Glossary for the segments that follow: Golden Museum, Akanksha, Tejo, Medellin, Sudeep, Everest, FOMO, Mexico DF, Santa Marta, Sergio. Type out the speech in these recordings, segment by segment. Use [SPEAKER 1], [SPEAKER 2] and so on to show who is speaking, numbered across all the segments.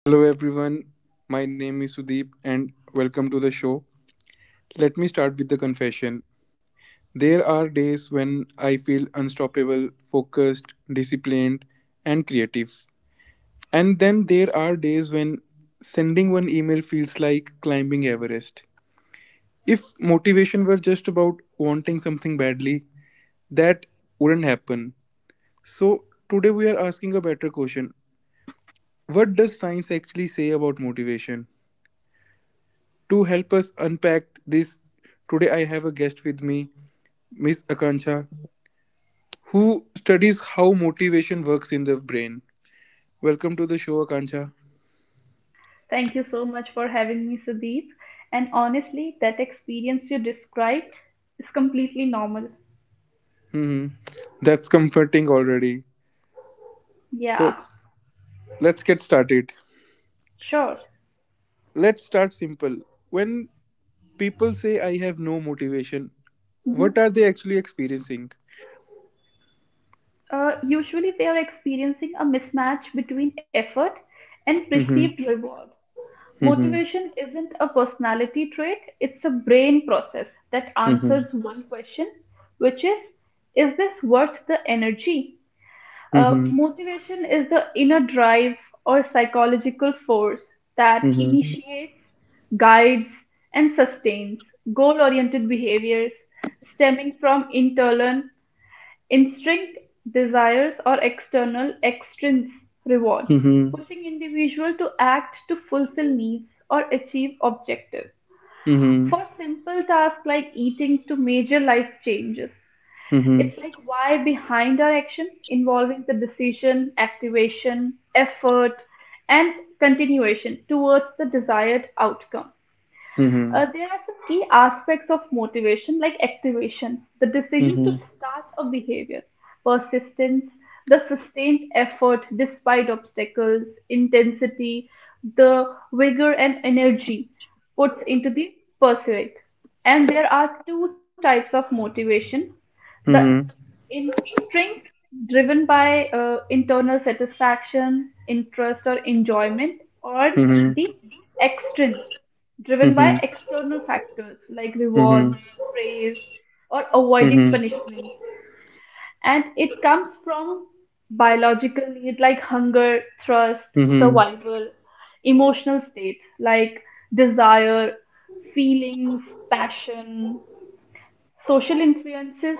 [SPEAKER 1] Hello everyone, my name is Sudeep and welcome to the show. Let me start with the confession. There are days when I feel unstoppable, focused, disciplined, and creative. And then there are days when sending one email feels like climbing Everest. If motivation were just about wanting something badly, that wouldn't happen. So today we are asking a better question: what does science actually say about motivation? To help us unpack this, today I have a guest with me, Miss Akanksha, who studies how motivation works in the brain. Welcome to the show, Akanksha.
[SPEAKER 2] Thank you so much for having me, Sudeep. And honestly, that experience you described is completely normal.
[SPEAKER 1] Hmm. That's comforting already.
[SPEAKER 2] Yeah,
[SPEAKER 1] So let's get started.
[SPEAKER 2] sure.
[SPEAKER 1] Let's start simple. When people say I have no motivation,
[SPEAKER 2] Mhm.
[SPEAKER 1] what are they actually experiencing?
[SPEAKER 2] Usually, we are experiencing a mismatch between effort and
[SPEAKER 1] Mm-hmm.
[SPEAKER 2] perceived reward.
[SPEAKER 1] Mm-hmm.
[SPEAKER 2] Motivation isn't a personality trait, it's a brain process that answers
[SPEAKER 1] Mm-hmm.
[SPEAKER 2] one question, which is this worth the energy?
[SPEAKER 1] Mm-hmm.
[SPEAKER 2] Motivation is the inner drive or psychological force that
[SPEAKER 1] Mm-hmm.
[SPEAKER 2] initiates, guides, and sustains goal oriented behaviors stemming from internal instinct, desires, or external extrinsic reward,
[SPEAKER 1] Mm-hmm.
[SPEAKER 2] pushing individual to act to fulfill needs or achieve objectives.
[SPEAKER 1] Mm-hmm.
[SPEAKER 2] For simple tasks like eating to major life changes,
[SPEAKER 1] Mm-hmm.
[SPEAKER 2] it's like why behind our action involving the decision, activation, effort, and continuation towards the desired outcome.
[SPEAKER 1] Mm-hmm.
[SPEAKER 2] There are some key aspects of motivation like activation, the decision to
[SPEAKER 1] Mm-hmm.
[SPEAKER 2] start a behavior, persistence, the sustained effort despite obstacles, intensity, the vigor and energy puts into the pursuit. And there are two types of motivation: the
[SPEAKER 1] Mm-hmm.
[SPEAKER 2] instinct driven by internal satisfaction, interest, or enjoyment, or
[SPEAKER 1] Mm-hmm.
[SPEAKER 2] the extrinsic driven by
[SPEAKER 1] Mm-hmm.
[SPEAKER 2] external factors like rewards,
[SPEAKER 1] Mhm.
[SPEAKER 2] praise, or avoiding
[SPEAKER 1] Mhm.
[SPEAKER 2] punishments. And it comes from biological need like hunger, thirst,
[SPEAKER 1] Mhm.
[SPEAKER 2] survival, emotional state like desire, feelings, passion; social influences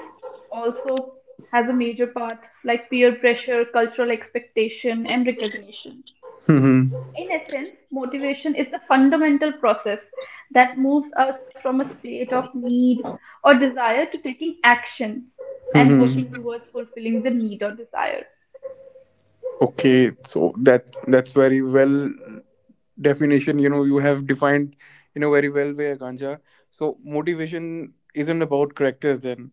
[SPEAKER 2] also has a major part like peer pressure, cultural expectation, and recognition.
[SPEAKER 1] Mhm.
[SPEAKER 2] In essence, motivation is the fundamental process that moves us from a state of need or desire to taking action and working
[SPEAKER 1] Mhm.
[SPEAKER 2] towards fulfilling the need or desire.
[SPEAKER 1] Okay, so that's very well definition. You know, you have defined in a very well way, Ganja. So motivation isn't about character then.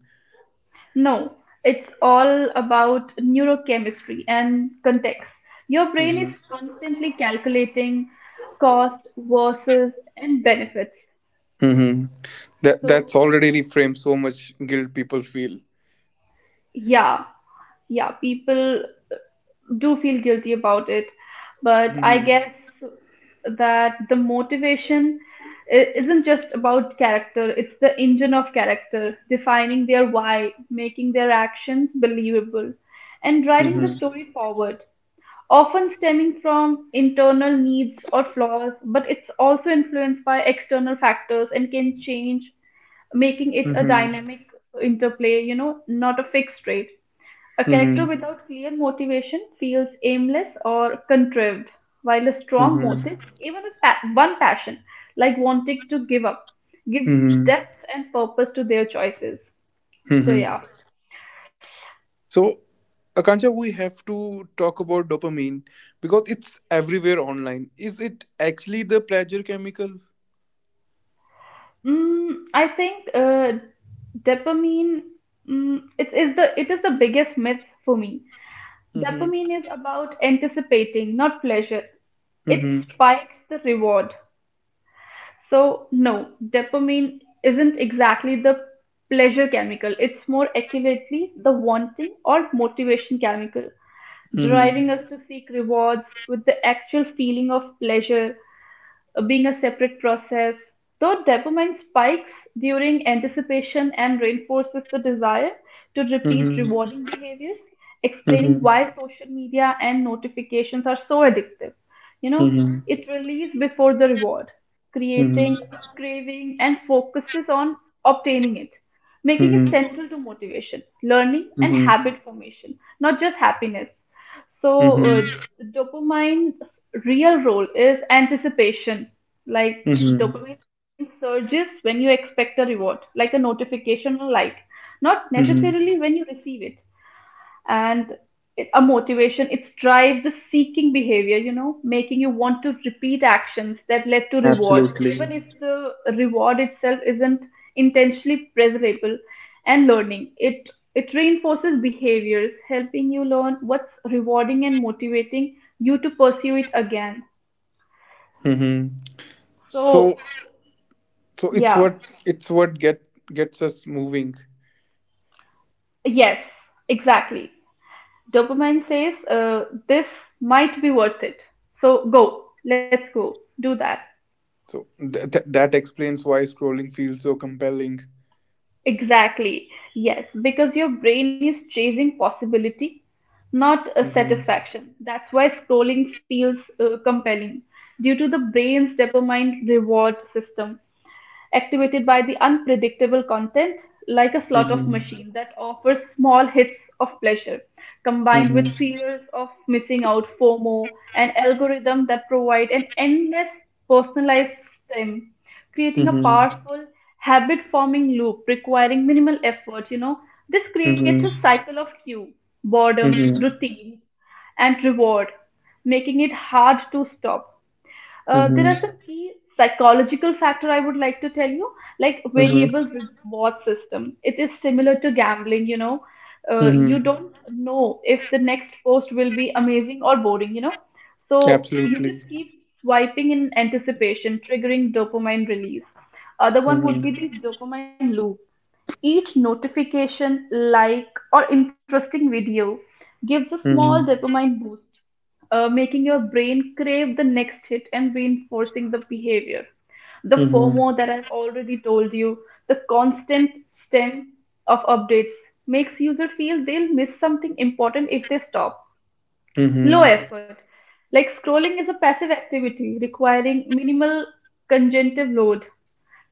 [SPEAKER 2] No, it's all about neurochemistry and context. Your brain is
[SPEAKER 1] Mhm.
[SPEAKER 2] constantly calculating cost versus and benefits.
[SPEAKER 1] Mhm. That's
[SPEAKER 2] So,
[SPEAKER 1] already reframed so much guilt people feel.
[SPEAKER 2] yeah, yeah, people do feel guilty about it, but I
[SPEAKER 1] Mhm.
[SPEAKER 2] guess that the motivation isn't just about character, it's the engine of character, defining their why, making their actions believable, and driving
[SPEAKER 1] Mhm.
[SPEAKER 2] the story forward. Often stemming from internal needs or flaws, but it's also influenced by external factors and can change, making it a
[SPEAKER 1] Mhm.
[SPEAKER 2] dynamic interplay, not a fixed rate. A character
[SPEAKER 1] Mhm.
[SPEAKER 2] without clear motivation feels aimless or contrived, while a strong
[SPEAKER 1] Mhm.
[SPEAKER 2] motive, even a one passion, like wanting to give up, gives
[SPEAKER 1] Mhm.
[SPEAKER 2] depth and purpose to their choices. So
[SPEAKER 1] Mhm.
[SPEAKER 2] yeah,
[SPEAKER 1] So, Akansha, we have to talk about dopamine because it's everywhere online. Is it actually the pleasure chemical?
[SPEAKER 2] mm, I think dopamine. Mm, it is the biggest myth for me.
[SPEAKER 1] Mm-hmm.
[SPEAKER 2] Dopamine is about anticipating, not pleasure. It
[SPEAKER 1] Mm-hmm.
[SPEAKER 2] spikes the reward. So, no, dopamine isn't exactly the pleasure chemical. It's more accurately the wanting or motivation chemical,
[SPEAKER 1] Mm-hmm.
[SPEAKER 2] driving us to seek rewards, with the actual feeling of pleasure being a separate process, though dopamine spikes during anticipation and reinforces the desire to repeat rewarding behaviors,
[SPEAKER 1] Mm-hmm.
[SPEAKER 2] explaining why
[SPEAKER 1] Mm-hmm.
[SPEAKER 2] social media and notifications are so addictive. You know,
[SPEAKER 1] Mm-hmm.
[SPEAKER 2] it releases before the reward, creating
[SPEAKER 1] Mm-hmm.
[SPEAKER 2] a craving and focuses on obtaining it, making it
[SPEAKER 1] Mm-hmm.
[SPEAKER 2] central to motivation, learning, and
[SPEAKER 1] Mm-hmm.
[SPEAKER 2] habit formation, not just happiness. So,
[SPEAKER 1] Mm-hmm.
[SPEAKER 2] dopamine's real role is anticipation. Like,
[SPEAKER 1] Mm-hmm.
[SPEAKER 2] dopamine surges when you expect a reward, like a notification or like, not necessarily
[SPEAKER 1] Mm-hmm.
[SPEAKER 2] when you receive it. And a motivation, it's drive the seeking behavior, you know, making you want to repeat actions that led to reward,
[SPEAKER 1] Absolutely.
[SPEAKER 2] even if the reward itself isn't intentionally pleasurable. And learning, it reinforces behaviors, helping you learn what's rewarding and motivating you to pursue it again.
[SPEAKER 1] Mm-hmm. So,
[SPEAKER 2] So
[SPEAKER 1] so
[SPEAKER 2] yeah,
[SPEAKER 1] it's what gets us moving.
[SPEAKER 2] yes, exactly, dopamine says, this might be worth it, so go, let's go do that.
[SPEAKER 1] So that explains why scrolling feels so compelling.
[SPEAKER 2] Exactly. Yes, because your brain is chasing possibility, not a
[SPEAKER 1] Mm-hmm.
[SPEAKER 2] satisfaction. That's why scrolling feels compelling due to the brain's dopamine reward system, activated by the unpredictable content, like a slot of
[SPEAKER 1] Mm-hmm.
[SPEAKER 2] machine that offers small hits of pleasure, combined
[SPEAKER 1] Mm-hmm.
[SPEAKER 2] with fears of missing out, FOMO, and algorithm that provide an endless personalized stem, creating a
[SPEAKER 1] Mm-hmm.
[SPEAKER 2] powerful habit forming loop requiring minimal effort, you know. This creates a
[SPEAKER 1] Mm-hmm.
[SPEAKER 2] cycle of cue, boredom,
[SPEAKER 1] Mm-hmm.
[SPEAKER 2] routine, and reward, making it hard to stop. There are some
[SPEAKER 1] Mm-hmm.
[SPEAKER 2] key psychological factor I would like to tell you, like variable
[SPEAKER 1] Mm-hmm.
[SPEAKER 2] reward system. It is similar to gambling, you know. You
[SPEAKER 1] Mm-hmm.
[SPEAKER 2] don't know if the next post will be amazing or boring, you know. So you just
[SPEAKER 1] Absolutely.
[SPEAKER 2] keep swiping in anticipation, triggering dopamine release. Other one would be
[SPEAKER 1] Mm-hmm.
[SPEAKER 2] the dopamine loop. Each notification, like, or interesting video gives a small
[SPEAKER 1] Mm-hmm.
[SPEAKER 2] dopamine boost, making your brain crave the next hit and reinforcing the behavior. The FOMO
[SPEAKER 1] Mm-hmm.
[SPEAKER 2] that I've already told you, the constant stem of updates makes user feel they'll miss something important if they stop. Low
[SPEAKER 1] Mm-hmm.
[SPEAKER 2] effort. Like scrolling is a passive activity requiring minimal cognitive load,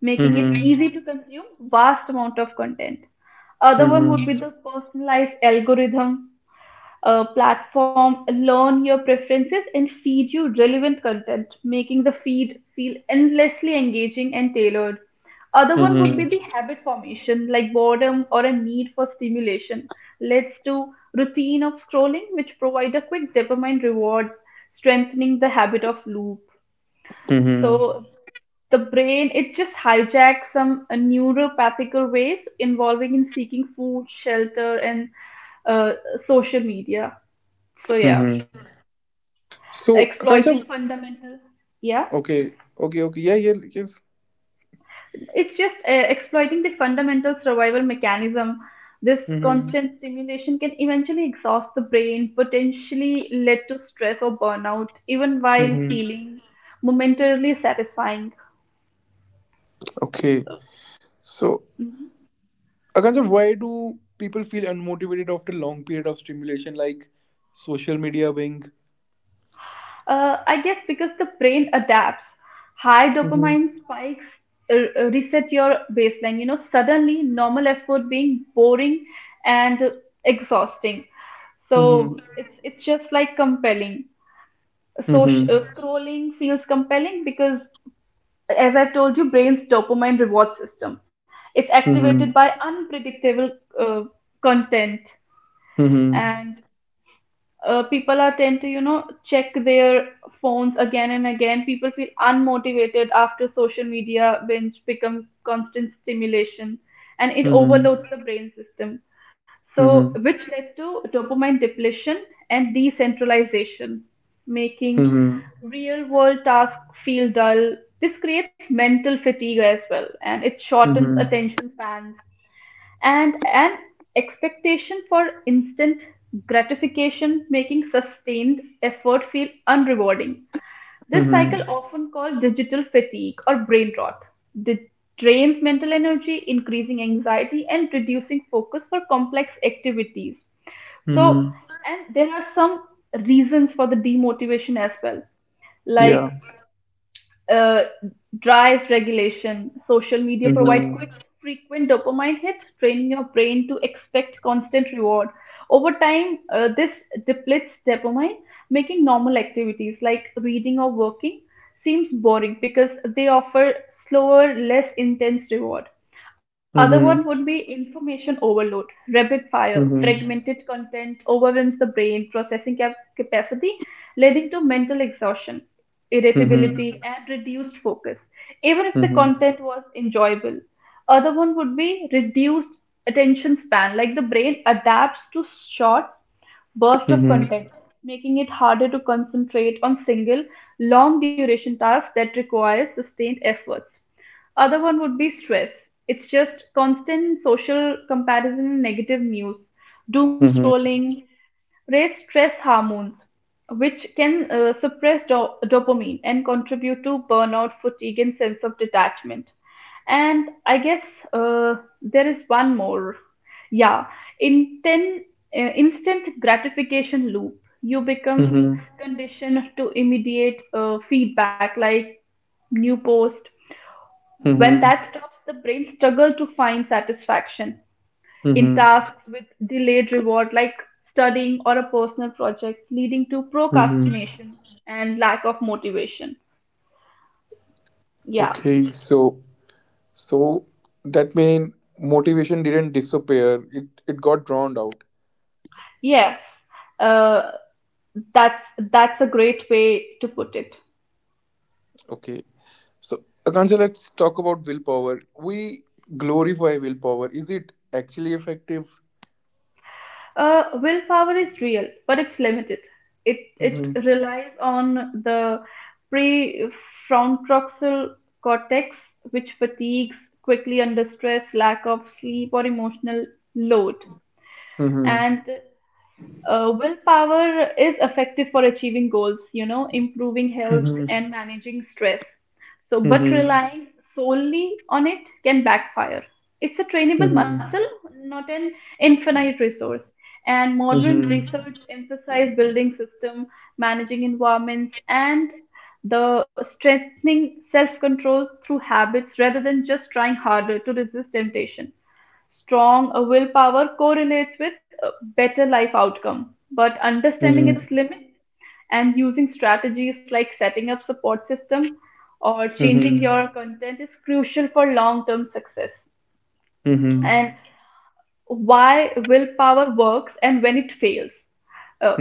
[SPEAKER 2] making it
[SPEAKER 1] Mm-hmm.
[SPEAKER 2] easy to consume vast amount of content. Other one would be
[SPEAKER 1] Mm-hmm.
[SPEAKER 2] the personalized algorithm. A platform learn your preferences and feed you relevant content, making the feed feel endlessly engaging and tailored. Other one would be the
[SPEAKER 1] Mm-hmm.
[SPEAKER 2] habit formation, like boredom or a need for stimulation, leads to routine of scrolling, which provide a quick dopamine reward, strengthening the habit of loop.
[SPEAKER 1] Mm-hmm.
[SPEAKER 2] So the brain, it just hijacks some neuropathical ways involving in seeking food shelter and uh, social media, so yeah,
[SPEAKER 1] Mm-hmm. So, Akansha,
[SPEAKER 2] exploiting fundamental, yeah,
[SPEAKER 1] okay, okay, okay, yeah, yeah, yes.
[SPEAKER 2] it's just exploiting the fundamental survival mechanism. This
[SPEAKER 1] Mm-hmm.
[SPEAKER 2] constant stimulation can eventually exhaust the brain, potentially lead to stress or burnout even while
[SPEAKER 1] Mm-hmm.
[SPEAKER 2] feeling momentarily satisfying.
[SPEAKER 1] Okay. So, Akansha, why do people feel unmotivated after long period of stimulation like social media being?
[SPEAKER 2] I guess because the brain adapts. High
[SPEAKER 1] Mm-hmm.
[SPEAKER 2] dopamine spikes reset your baseline. You know, suddenly normal effort being boring and exhausting.
[SPEAKER 1] Mm-hmm.
[SPEAKER 2] So it's just like compelling. So
[SPEAKER 1] Mm-hmm.
[SPEAKER 2] scrolling feels compelling because, as I've told you, brain's dopamine reward system. It's activated
[SPEAKER 1] Mm-hmm.
[SPEAKER 2] by unpredictable uh, content,
[SPEAKER 1] Mm-hmm.
[SPEAKER 2] and people are tend to, you know, check their phones again and again. People feel unmotivated after social media binge becomes constant stimulation, and it overloads
[SPEAKER 1] Mm-hmm.
[SPEAKER 2] the brain system, so
[SPEAKER 1] Mm-hmm.
[SPEAKER 2] which led to dopamine depletion and decentralization, making
[SPEAKER 1] Mm-hmm.
[SPEAKER 2] real world tasks feel dull. This creates mental fatigue as well, and it shortens
[SPEAKER 1] Mm-hmm.
[SPEAKER 2] attention spans and an expectation for instant gratification, making sustained effort feel unrewarding. This cycle,
[SPEAKER 1] Mm-hmm.
[SPEAKER 2] often called digital fatigue or brain rot, de- drains mental energy, increasing anxiety, and reducing focus for complex activities. So,
[SPEAKER 1] Mm-hmm.
[SPEAKER 2] and there are some reasons for the demotivation as well, like
[SPEAKER 1] Yeah.
[SPEAKER 2] uh, drives regulation. Social media provide
[SPEAKER 1] Mhm.
[SPEAKER 2] quick, frequent dopamine hit, training your brain to expect constant reward. Over time, this depletes dopamine, making normal activities like reading or working seems boring because they offer slower, less intense reward. Other one would be
[SPEAKER 1] Mhm.
[SPEAKER 2] information overload, rapid fire,
[SPEAKER 1] Mhm.
[SPEAKER 2] fragmented content overwhelms the brain processing capacity, leading to mental exhaustion,
[SPEAKER 1] Mhm.
[SPEAKER 2] irritability, and reduced focus, even if the
[SPEAKER 1] Mhm.
[SPEAKER 2] content was enjoyable. Other one would be reduced attention span, like the brain adapts to short bursts of
[SPEAKER 1] Mhm.
[SPEAKER 2] content, making it harder to concentrate on single, long duration tasks that require sustained efforts. Other one would be stress. It's just constant social comparison and negative news, doom
[SPEAKER 1] Mhm.
[SPEAKER 2] scrolling, raise stress hormones, which can suppress dopamine and contribute to burnout, fatigue, and sense of detachment. And I guess uh, there is one more. Yeah, inten- instant gratification loop. You become
[SPEAKER 1] Mhm.
[SPEAKER 2] conditioned to immediate feedback, like new post. When
[SPEAKER 1] Mhm.
[SPEAKER 2] that stops, the brain struggles to find satisfaction in
[SPEAKER 1] Mhm.
[SPEAKER 2] tasks with delayed reward, like studying or a personal project, leading to
[SPEAKER 1] Mhm.
[SPEAKER 2] procrastination and lack of motivation. Yeah,
[SPEAKER 1] Okay, so so that mean motivation didn't disappear. It got drowned out.
[SPEAKER 2] yes, uh, that's that's a great way to put it.
[SPEAKER 1] Okay. So Akansha, let's talk about willpower. We glorify willpower. Is it actually effective?
[SPEAKER 2] Willpower is real, but it's limited. It
[SPEAKER 1] Mm-hmm.
[SPEAKER 2] relies on the prefrontal cortex, which fatigues quickly under stress, lack of sleep, or emotional load.
[SPEAKER 1] Mm-hmm.
[SPEAKER 2] And willpower is effective for achieving goals, you know, improving health and
[SPEAKER 1] Mm-hmm.
[SPEAKER 2] managing stress. So, but
[SPEAKER 1] Mm-hmm.
[SPEAKER 2] relying solely on it can backfire. It's a trainable muscle,
[SPEAKER 1] Mm-hmm.
[SPEAKER 2] not an infinite resource. And modern
[SPEAKER 1] Mm-hmm.
[SPEAKER 2] research emphasizes building system, managing environments, and the strengthening self-control through habits rather than just trying harder to resist temptation. Strong willpower correlates with a better life outcome, but understanding
[SPEAKER 1] Mm-hmm.
[SPEAKER 2] its limit and using strategies like setting up support system or changing
[SPEAKER 1] Mm-hmm.
[SPEAKER 2] your content is crucial for long-term success.
[SPEAKER 1] Mm-hmm.
[SPEAKER 2] And why willpower works and when it fails. Uh,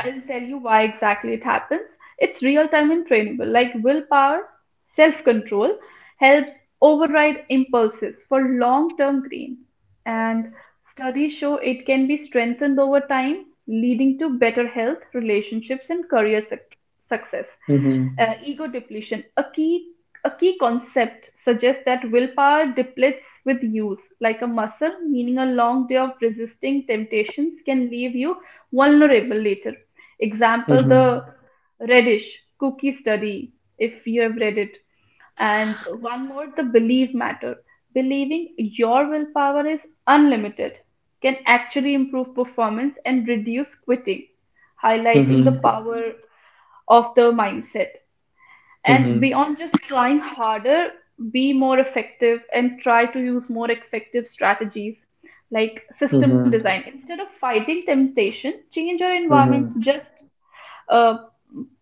[SPEAKER 2] I'll tell you why exactly it happens. It's real time and trainable, like willpower, self control helps override impulses for long term gain. And studies show it can be strengthened over time, leading to better health, relationships, and career success.
[SPEAKER 1] Mm-hmm.
[SPEAKER 2] Ego depletion. A key concept suggests that willpower depletes with use, like a muscle, meaning a long day of resisting temptations can leave you vulnerable later. Example, the
[SPEAKER 1] Mm-hmm.
[SPEAKER 2] reddish cookie study, if you have read it. And one more, the belief matter. Believing your willpower is unlimited can actually improve performance and reduce quitting, highlighting the
[SPEAKER 1] Mhm.
[SPEAKER 2] power of the mindset. And
[SPEAKER 1] Mhm.
[SPEAKER 2] beyond just trying harder, be more effective and try to use more effective strategies like system
[SPEAKER 1] Mhm.
[SPEAKER 2] design. Instead of fighting temptation, change your environment.
[SPEAKER 1] Mhm.
[SPEAKER 2] Just uh,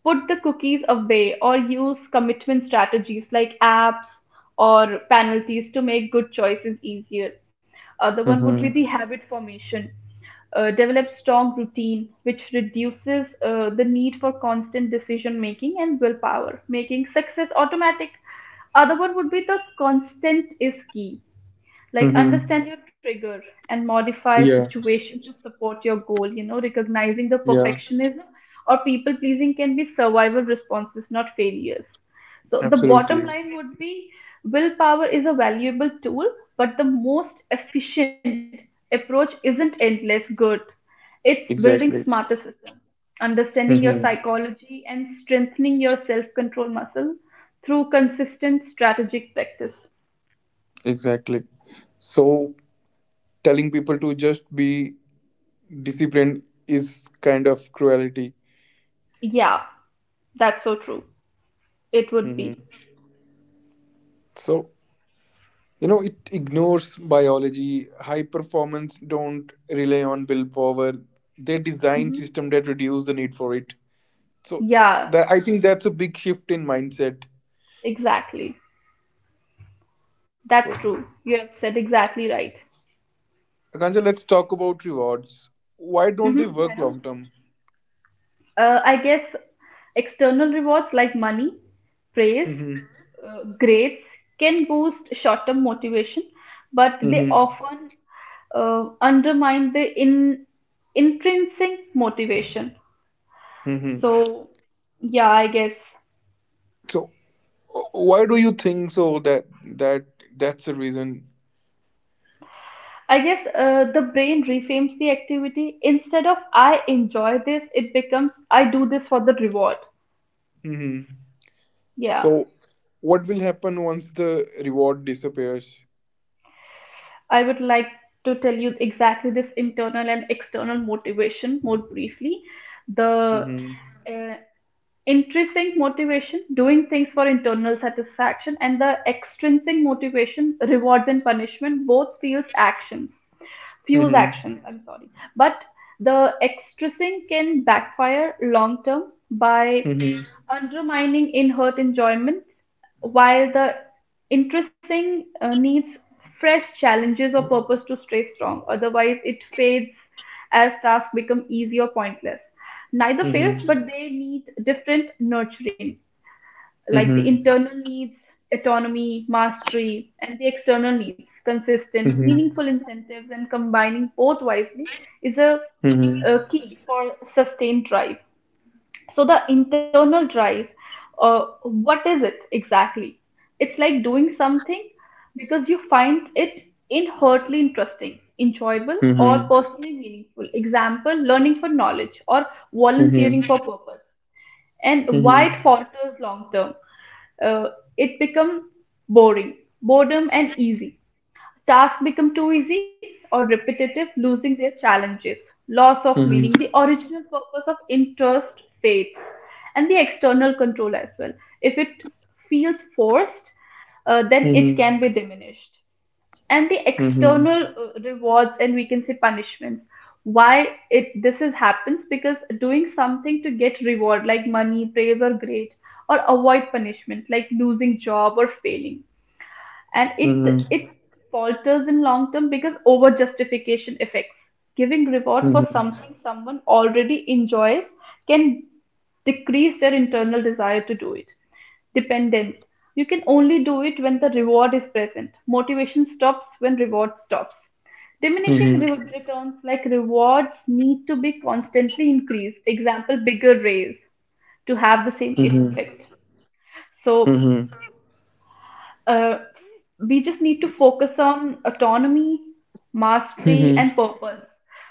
[SPEAKER 2] put the cookies away or use commitment strategies like apps or penalties to make good choices easier. Other one would be
[SPEAKER 1] Mhm.
[SPEAKER 2] the habit formation. Develop strong routine which reduces the need for constant decision making and willpower, making success automatic. Other one would be the constant is key, like
[SPEAKER 1] Mhm.
[SPEAKER 2] understand your trigger and modify
[SPEAKER 1] Yeah.
[SPEAKER 2] situation to support your goal, recognizing the
[SPEAKER 1] Yeah.
[SPEAKER 2] perfectionism or people pleasing can be survival responses, not failures. So the bottom
[SPEAKER 1] Absolutely.
[SPEAKER 2] line would be, willpower is a valuable tool, but the most efficient approach isn't endless good, it's building smarter
[SPEAKER 1] Exactly.
[SPEAKER 2] systems, understanding your
[SPEAKER 1] Mhm.
[SPEAKER 2] psychology and strengthening your self-control muscle through consistent strategic practice.
[SPEAKER 1] Exactly. So telling people to just be disciplined is kind of cruelty.
[SPEAKER 2] Yeah, that's so true, it would
[SPEAKER 1] Mhm.
[SPEAKER 2] be.
[SPEAKER 1] So it ignores biology. High performance don't rely on willpower. They design
[SPEAKER 2] Mm-hmm.
[SPEAKER 1] system that reduce the need for it. So
[SPEAKER 2] Yeah,
[SPEAKER 1] that, I think that's a big shift in mindset.
[SPEAKER 2] exactly. That's
[SPEAKER 1] So
[SPEAKER 2] true. You have said exactly right.
[SPEAKER 1] Akansha, let's talk about rewards. Why don't they
[SPEAKER 2] Hmm, I
[SPEAKER 1] work
[SPEAKER 2] know.
[SPEAKER 1] long term?
[SPEAKER 2] I guess external rewards like money, praise,
[SPEAKER 1] Hmm.
[SPEAKER 2] grades can boost short term motivation, but they
[SPEAKER 1] Hmm.
[SPEAKER 2] often undermine the intrinsic motivation.
[SPEAKER 1] Hmm.
[SPEAKER 2] So, yeah, I guess
[SPEAKER 1] So, why do you think so that that's the reason?
[SPEAKER 2] I guess uh, the brain reframes the activity. Instead of I enjoy this, it becomes I do this for the reward.
[SPEAKER 1] Hmm.
[SPEAKER 2] Yeah.
[SPEAKER 1] So what will happen once the reward disappears?
[SPEAKER 2] I would like to tell you exactly this internal and external motivation more briefly. The
[SPEAKER 1] Hmm.
[SPEAKER 2] uh, intrinsic motivation, doing things for internal satisfaction, and the extrinsic motivation, rewards and punishment, both fuels actions. Fuels
[SPEAKER 1] Hmm.
[SPEAKER 2] actions, I'm sorry. But the extrinsic can backfire long term by
[SPEAKER 1] Hmm.
[SPEAKER 2] undermining in her enjoyment, while the interesting needs fresh challenges or purpose to stay strong. Otherwise, it fades as tasks become easy or pointless. Neither fails,
[SPEAKER 1] Hmm.
[SPEAKER 2] but they need different nurturing, like the
[SPEAKER 1] Hmm.
[SPEAKER 2] internal needs, autonomy, mastery, and the external needs,
[SPEAKER 1] Hmm.
[SPEAKER 2] consistent,
[SPEAKER 1] Hmm.
[SPEAKER 2] meaningful incentives, and combining both wisely is a,
[SPEAKER 1] Hmm.
[SPEAKER 2] a key for sustained drive. So the internal drive, what is it exactly? It's like doing something because you find it inherently interesting, enjoyable,
[SPEAKER 1] Hmm.
[SPEAKER 2] or
[SPEAKER 1] Hmm.
[SPEAKER 2] personally meaningful. Example, learning for knowledge or
[SPEAKER 1] Hmm.
[SPEAKER 2] volunteering for purpose. And why it
[SPEAKER 1] Hmm.
[SPEAKER 2] falters long term? Uh, it becomes boring, boredom, and easy. Tasks become too easy or repetitive, losing their challenges, loss of
[SPEAKER 1] Hmm.
[SPEAKER 2] meaning, the original purpose of interest fades, and the external control as well. If it feels forced,
[SPEAKER 1] Hmm.
[SPEAKER 2] then
[SPEAKER 1] Hmm. Hmm.
[SPEAKER 2] it
[SPEAKER 1] Hmm.
[SPEAKER 2] can be diminished. And the
[SPEAKER 1] Hmm. Hmm.
[SPEAKER 2] external rewards and we can say punishments. Why it this is happens because doing something to get reward like money, praise or grade, or avoid punishment like losing job or failing, and it falters in long term because over justification effects, giving reward for something someone already enjoys can decrease their internal desire to do it. Dependence, you can only do it when the reward is present, motivation stops when reward stops. Diminishing returns, like rewards need to be constantly increased, example bigger raise to have the same effect. So uh, we just need to focus on autonomy, mastery, and purpose.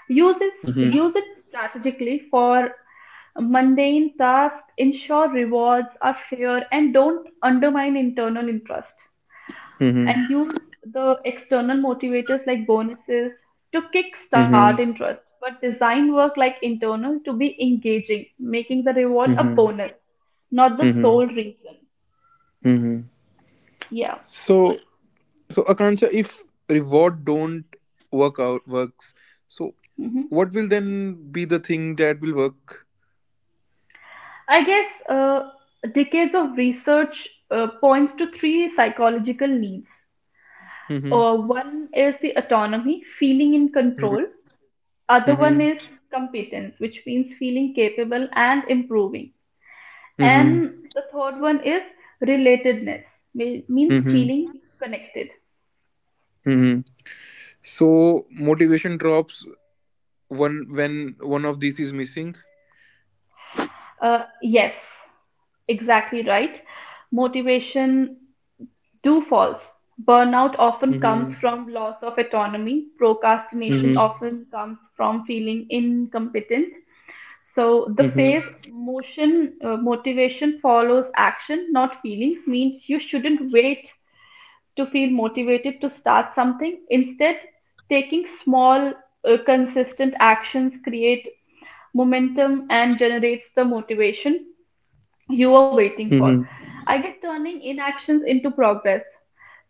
[SPEAKER 2] Use it, use it strategically for mundane tasks, ensure rewards are fair, and don't undermine internal interest.
[SPEAKER 1] Hmm. Hmm.
[SPEAKER 2] And use the external motivators like bonuses to kickstart
[SPEAKER 1] Hmm.
[SPEAKER 2] interest, but design work like internal to be engaging, making the reward a
[SPEAKER 1] Mm-hmm.
[SPEAKER 2] bonus, not the
[SPEAKER 1] Mm-hmm.
[SPEAKER 2] sole reason.
[SPEAKER 1] Mm-hmm.
[SPEAKER 2] Yeah.
[SPEAKER 1] So Akansha, if reward don't works, so
[SPEAKER 2] Mhm.
[SPEAKER 1] what will then be the thing that will work?
[SPEAKER 2] I guess decades of research points to three psychological needs.
[SPEAKER 1] Mm-hmm.
[SPEAKER 2] One is the autonomy, feeling in control. Other one
[SPEAKER 1] Mm-hmm.
[SPEAKER 2] is competence, which means feeling capable and improving.
[SPEAKER 1] Mm-hmm.
[SPEAKER 2] And the third one is relatedness, means
[SPEAKER 1] Mm-hmm.
[SPEAKER 2] feeling connected.
[SPEAKER 1] Mm-hmm. So motivation drops one when one of these is missing.
[SPEAKER 2] Yes, exactly right. Motivation do false: burnout often comes
[SPEAKER 1] Mm-hmm.
[SPEAKER 2] from loss of autonomy, procrastination
[SPEAKER 1] Mm-hmm.
[SPEAKER 2] often comes from feeling incompetent. So the
[SPEAKER 1] Mm-hmm.
[SPEAKER 2] phase motion motivation follows action, not feelings, means you shouldn't wait to feel motivated to start something. Instead, taking small, consistent actions create momentum and generates the motivation you were waiting
[SPEAKER 1] Mm-hmm.
[SPEAKER 2] for. I get turning inactions into progress.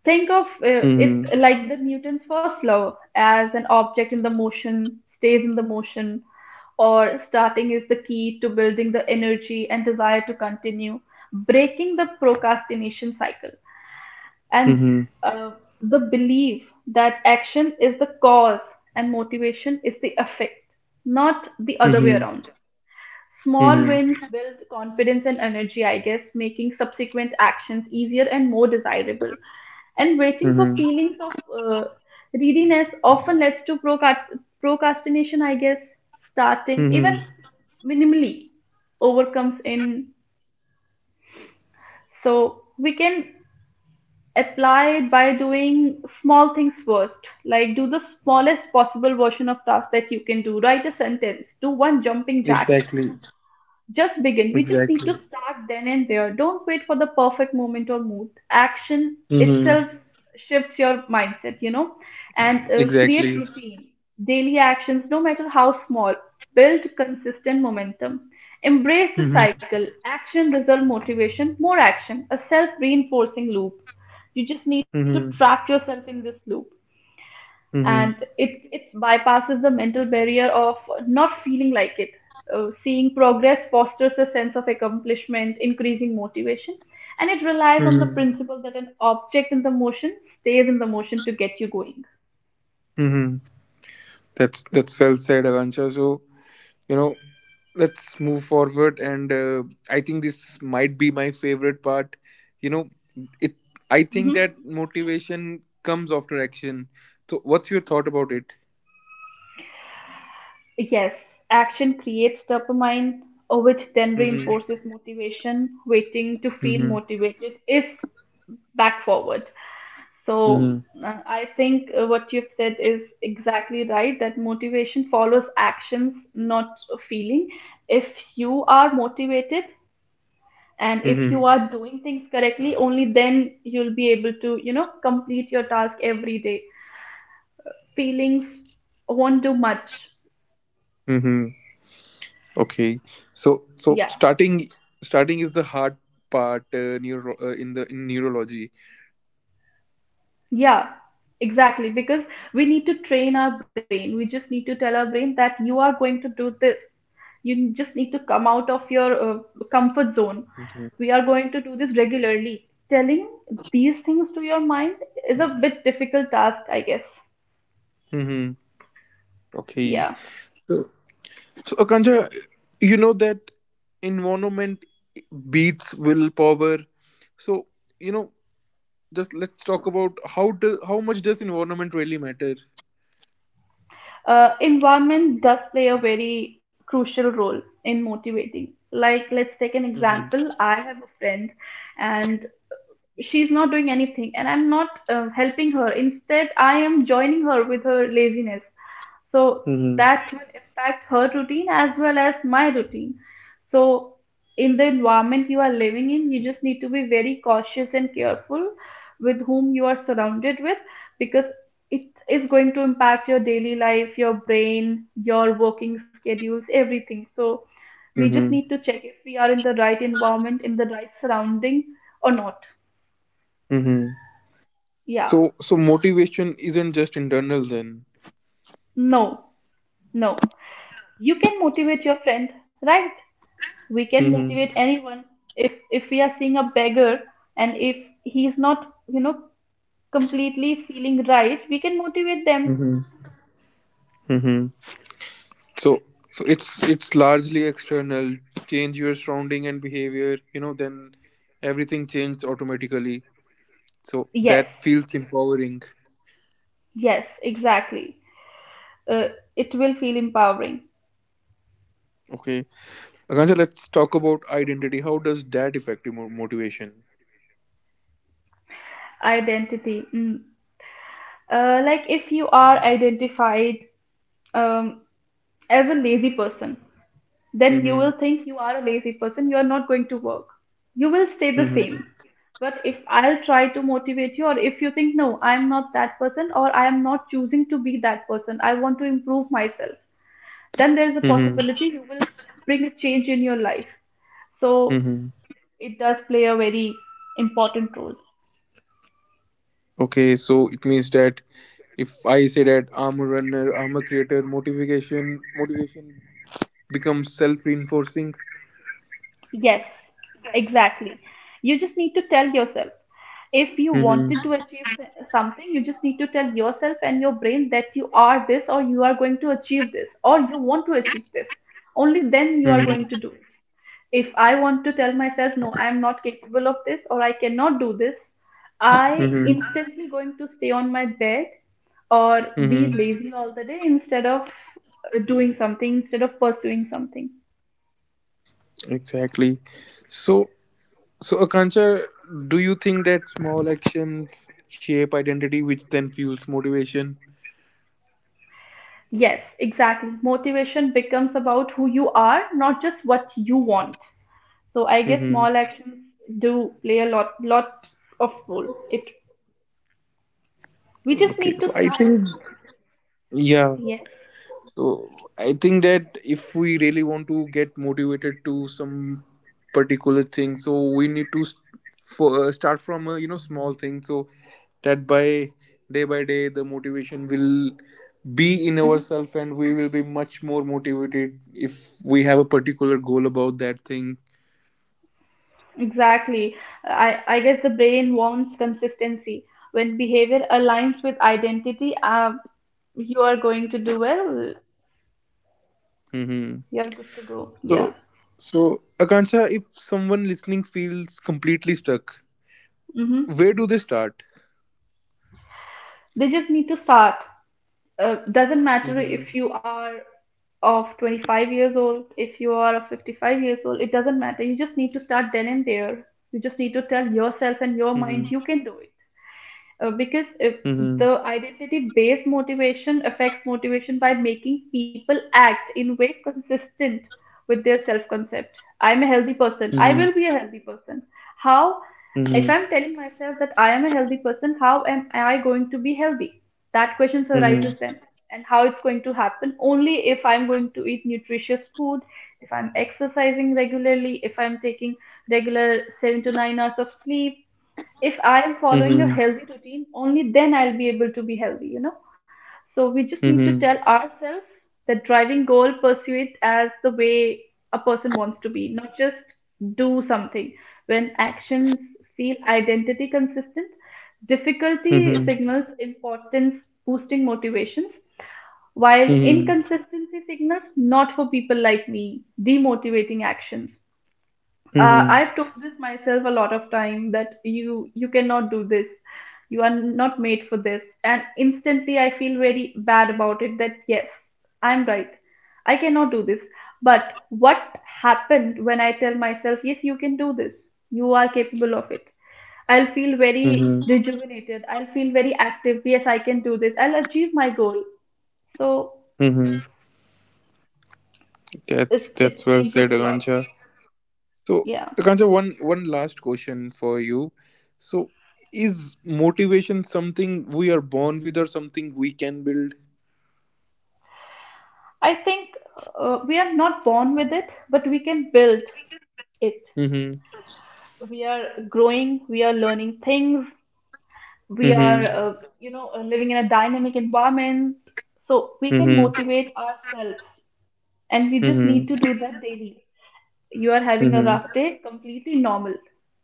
[SPEAKER 2] Think of
[SPEAKER 1] Mm-hmm.
[SPEAKER 2] it like the Newton's first law, as an object in the motion stays in the motion, or starting is the key to building the energy and desire to continue, breaking the procrastination cycle. And
[SPEAKER 1] Mm-hmm.
[SPEAKER 2] uh, the belief that action is the cause and motivation is the effect, not the other way
[SPEAKER 1] Mm-hmm.
[SPEAKER 2] around. Small
[SPEAKER 1] Mm-hmm.
[SPEAKER 2] wins build confidence and energy, I guess, making subsequent actions easier and more desirable. And waiting for
[SPEAKER 1] Mm-hmm.
[SPEAKER 2] feelings of readiness often leads to procrastination, I guess, starting even
[SPEAKER 1] Mm-hmm.
[SPEAKER 2] minimally overcomes in. So we can apply it by doing small things first, like do the smallest possible version of task that you can do. Write a sentence, do one jumping jack,
[SPEAKER 1] Exactly.
[SPEAKER 2] just begin. We just need to
[SPEAKER 1] Exactly.
[SPEAKER 2] start then and there. Don't wait for the perfect moment or mood. Action
[SPEAKER 1] Mm-hmm.
[SPEAKER 2] itself shifts your mindset, and create
[SPEAKER 1] Exactly.
[SPEAKER 2] routine. Daily actions, no matter how small, build consistent momentum. Embrace the cycle. Action, result, motivation, more action. A self reinforcing loop. You just need to
[SPEAKER 1] Mm-hmm.
[SPEAKER 2] trap yourself in this loop, and
[SPEAKER 1] Mm-hmm.
[SPEAKER 2] it bypasses the mental barrier of not feeling like it. Seeing progress fosters a sense of accomplishment, increasing motivation, and it relies on the
[SPEAKER 1] Mm-hmm.
[SPEAKER 2] principle that an object in the motion stays in the motion to get you going.
[SPEAKER 1] Mm-hmm. That's well said, Avancha. So, you know, let's move forward, and I think this might be my favorite part. You know, it. I think
[SPEAKER 2] Mm-hmm.
[SPEAKER 1] that motivation comes after action. So what's your thought about it?
[SPEAKER 2] Yes, action creates dopamine, which then
[SPEAKER 1] Mm-hmm.
[SPEAKER 2] reinforces motivation. Waiting to feel
[SPEAKER 1] Mm-hmm.
[SPEAKER 2] motivated is back forward. So
[SPEAKER 1] Mm-hmm.
[SPEAKER 2] I think what you've said is exactly right, that motivation follows actions, not a feeling. If you are motivated and if
[SPEAKER 1] Mm-hmm.
[SPEAKER 2] you are doing things correctly, only then you'll be able to complete your task every day. Feelings won't do much.
[SPEAKER 1] Mm-hmm. Okay. So
[SPEAKER 2] Yeah.
[SPEAKER 1] starting is the hard part neuro in the in neurology.
[SPEAKER 2] Yeah, exactly. Because we need to train our brain. We just need to tell our brain that you are going to do this. You just need to come out of your comfort zone.
[SPEAKER 1] Mm-hmm.
[SPEAKER 2] We are going to do this regularly. Telling these things to your mind is a bit difficult task, I guess.
[SPEAKER 1] Mm-hmm. Okay.
[SPEAKER 2] Yeah.
[SPEAKER 1] So, Akanksha, you know that environment beats willpower. So, you know, just let's talk about how much does environment really matter?
[SPEAKER 2] Environment does play a very crucial role in motivating. Like, let's take an
[SPEAKER 1] Hmm.
[SPEAKER 2] example. I have a friend, and she's not doing anything and I'm not helping her, instead I am joining her with her laziness. So
[SPEAKER 1] Mm-hmm.
[SPEAKER 2] that will impact her routine as well as my routine. So in the environment you are living in, you just need to be very cautious and careful with whom you are surrounded with, because it is going to impact your daily life, your brain, your working schedules, everything. So we just
[SPEAKER 1] Mm-hmm.
[SPEAKER 2] need to check if we are in the right environment, in the right surrounding or not.
[SPEAKER 1] Mm-hmm.
[SPEAKER 2] Yeah.
[SPEAKER 1] So, motivation isn't just internal then.
[SPEAKER 2] No, no. You can motivate your friend, right? We can
[SPEAKER 1] Hmm.
[SPEAKER 2] motivate anyone. If we are seeing a beggar and if he's not, you know, completely feeling right, we can motivate them.
[SPEAKER 1] Mm-hmm. Mm-hmm. So, it's largely external. Change your surrounding and behavior. Then everything changes automatically. So
[SPEAKER 2] Yes.
[SPEAKER 1] that feels empowering.
[SPEAKER 2] Yes, exactly. Uh, it will feel empowering.
[SPEAKER 1] Okay. Akansha, let's talk about identity. How does that affect your motivation?
[SPEAKER 2] Identity. Mm. Like if you are identified um, as a lazy person, then you
[SPEAKER 1] Mm-hmm.
[SPEAKER 2] will think you are a lazy person, you are not going to work. You will stay the
[SPEAKER 1] Mm-hmm.
[SPEAKER 2] same. But if I'll try to motivate you, or if you think, no, I'm not that person, or I am not choosing to be that person, I want to improve myself, then there's a
[SPEAKER 1] Mm-hmm.
[SPEAKER 2] possibility you will bring a change in your life. So
[SPEAKER 1] Mm-hmm.
[SPEAKER 2] it does play a very important role.
[SPEAKER 1] Okay, so it means that if I say that I'm a runner, I'm a creator, motivation becomes self-reinforcing.
[SPEAKER 2] Yes, exactly. You just need to tell yourself. If you
[SPEAKER 1] Mm-hmm.
[SPEAKER 2] wanted to achieve something, you just need to tell yourself and your brain that you are this, or you are going to achieve this, or you want to achieve this. Only then you are
[SPEAKER 1] Mm-hmm.
[SPEAKER 2] going to do it. If I want to tell myself, no, I am not capable of this, or I cannot do this, I
[SPEAKER 1] Mm-hmm.
[SPEAKER 2] instantly going to stay on my bed or be
[SPEAKER 1] Mm-hmm.
[SPEAKER 2] lazy all the day instead of doing something, instead of pursuing something.
[SPEAKER 1] Exactly. So Akansha, do you think that small actions shape identity which then fuels motivation?
[SPEAKER 2] Yes, exactly. Motivation becomes about who you are, not just what you want. So I guess
[SPEAKER 1] Mm-hmm.
[SPEAKER 2] small actions do play a lot, lot of role. It. We just
[SPEAKER 1] Okay,
[SPEAKER 2] need to
[SPEAKER 1] so I
[SPEAKER 2] start.
[SPEAKER 1] think yeah
[SPEAKER 2] Yes.
[SPEAKER 1] so I think that if we really want to get motivated to some particular thing, so we need to start from a small thing, so that by day the motivation will be in
[SPEAKER 2] Hmm.
[SPEAKER 1] ourselves and we will be much more motivated if we have a particular goal about that thing.
[SPEAKER 2] Exactly. I guess the brain wants consistency. When behavior aligns with identity, you are going to do well.
[SPEAKER 1] Mm-hmm.
[SPEAKER 2] You are good to go. Yeah.
[SPEAKER 1] So, Akansha, if someone listening feels completely stuck,
[SPEAKER 2] Mm-hmm.
[SPEAKER 1] where do they start?
[SPEAKER 2] They just need to start. Uh, doesn't matter
[SPEAKER 1] Mm-hmm.
[SPEAKER 2] if you are of 25 years old, if you are of 55 years old, it doesn't matter. You just need to start then and there. You just need to tell
[SPEAKER 1] Mm-hmm.
[SPEAKER 2] yourself and your mind you can do it. Because
[SPEAKER 1] Mm-hmm.
[SPEAKER 2] if the identity based motivation affects motivation by making people act in way consistent with their self concept. I'm a healthy person. I will be a healthy person. How, if
[SPEAKER 1] Mm-hmm.
[SPEAKER 2] I'm telling myself that I am a healthy person, how am I going to be healthy? That question
[SPEAKER 1] Mhm.
[SPEAKER 2] arises then. And how it's going to happen, only if I'm going to eat nutritious food, if I'm exercising regularly, if I'm taking regular 7 to 9 hours of sleep, if I am following a
[SPEAKER 1] Mhm.
[SPEAKER 2] healthy routine, only then I'll be able to be healthy, you know. So we just need to
[SPEAKER 1] Mhm.
[SPEAKER 2] tell ourselves that driving goal, pursue it as the way a person wants to be, not just do something. When actions feel identity consistent, difficulty
[SPEAKER 1] Mhm.
[SPEAKER 2] signals importance, boosting motivations, while
[SPEAKER 1] Mhm.
[SPEAKER 2] inconsistency signals not for people like me, demotivating actions.
[SPEAKER 1] Mhm.
[SPEAKER 2] I've told this myself a lot of time that you cannot do this. You are not made for this. And instantly I feel very bad about it, that yes, I'm right. I cannot do this. But what happened when I tell myself, yes, you can do this. You are capable of it. I'll feel very
[SPEAKER 1] Mhm.
[SPEAKER 2] rejuvenated. I'll feel very active. Yes, I can do this. I'll achieve my goal. So
[SPEAKER 1] Mhm. That's
[SPEAKER 2] it
[SPEAKER 1] that's
[SPEAKER 2] it
[SPEAKER 1] well
[SPEAKER 2] changes
[SPEAKER 1] said,
[SPEAKER 2] a lot.
[SPEAKER 1] Akanksha. So,
[SPEAKER 2] Yeah.
[SPEAKER 1] Akanksha, one last question for you. So, is motivation something we are born with, or something we can build?
[SPEAKER 2] I think we are not born with it, but we can build it.
[SPEAKER 1] Mhm.
[SPEAKER 2] We are growing, we are learning things, we are,
[SPEAKER 1] Mhm.
[SPEAKER 2] uh, living in a dynamic environment. So we can
[SPEAKER 1] Mhm.
[SPEAKER 2] motivate ourselves, and we just need
[SPEAKER 1] Mhm.
[SPEAKER 2] to do that daily. You are having a
[SPEAKER 1] Mhm.
[SPEAKER 2] rough day, completely normal.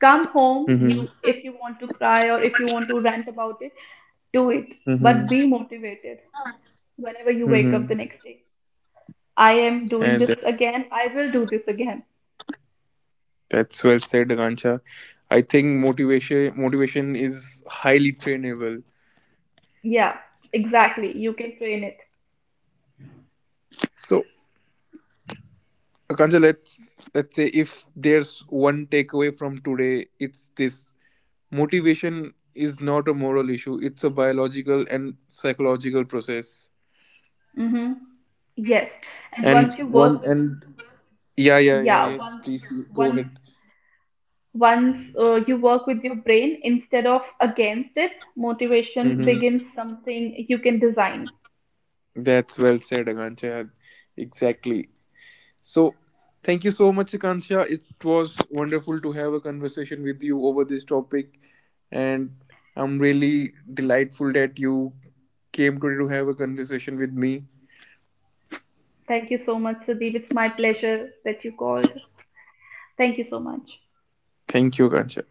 [SPEAKER 2] Come home,
[SPEAKER 1] Mhm.
[SPEAKER 2] you if you want to cry or if you want to rant about it, do it,
[SPEAKER 1] Mhm.
[SPEAKER 2] but be motivated whenever you wake up
[SPEAKER 1] Mhm.
[SPEAKER 2] the next day. I am doing
[SPEAKER 1] And
[SPEAKER 2] this
[SPEAKER 1] that,
[SPEAKER 2] again. I will do this again.
[SPEAKER 1] that's well said, Akanksha. I think motivation is highly trainable.
[SPEAKER 2] Yeah, exactly. You can train it.
[SPEAKER 1] So, Akanja, let's say if there's one takeaway from today, it's this: motivation is not a moral issue; it's a biological and psychological process.
[SPEAKER 2] Mm-hmm. Yes. And
[SPEAKER 1] And
[SPEAKER 2] once you
[SPEAKER 1] one
[SPEAKER 2] work with,
[SPEAKER 1] and Yeah, yeah, yeah,
[SPEAKER 2] yeah,
[SPEAKER 1] yes.
[SPEAKER 2] one,
[SPEAKER 1] Please you go ahead.
[SPEAKER 2] once once you work with your brain instead of against it, motivation
[SPEAKER 1] Mm-hmm.
[SPEAKER 2] begins something you can design.
[SPEAKER 1] That's well said, Akancha. Exactly. So thank you so much, Akansha. It was wonderful to have a conversation with you over this topic, and I'm really delightful that you came today to have a conversation with me.
[SPEAKER 2] Thank you so much, Sudeep. It's my pleasure that you called. Thank you so much.
[SPEAKER 1] Thank you, Akansha.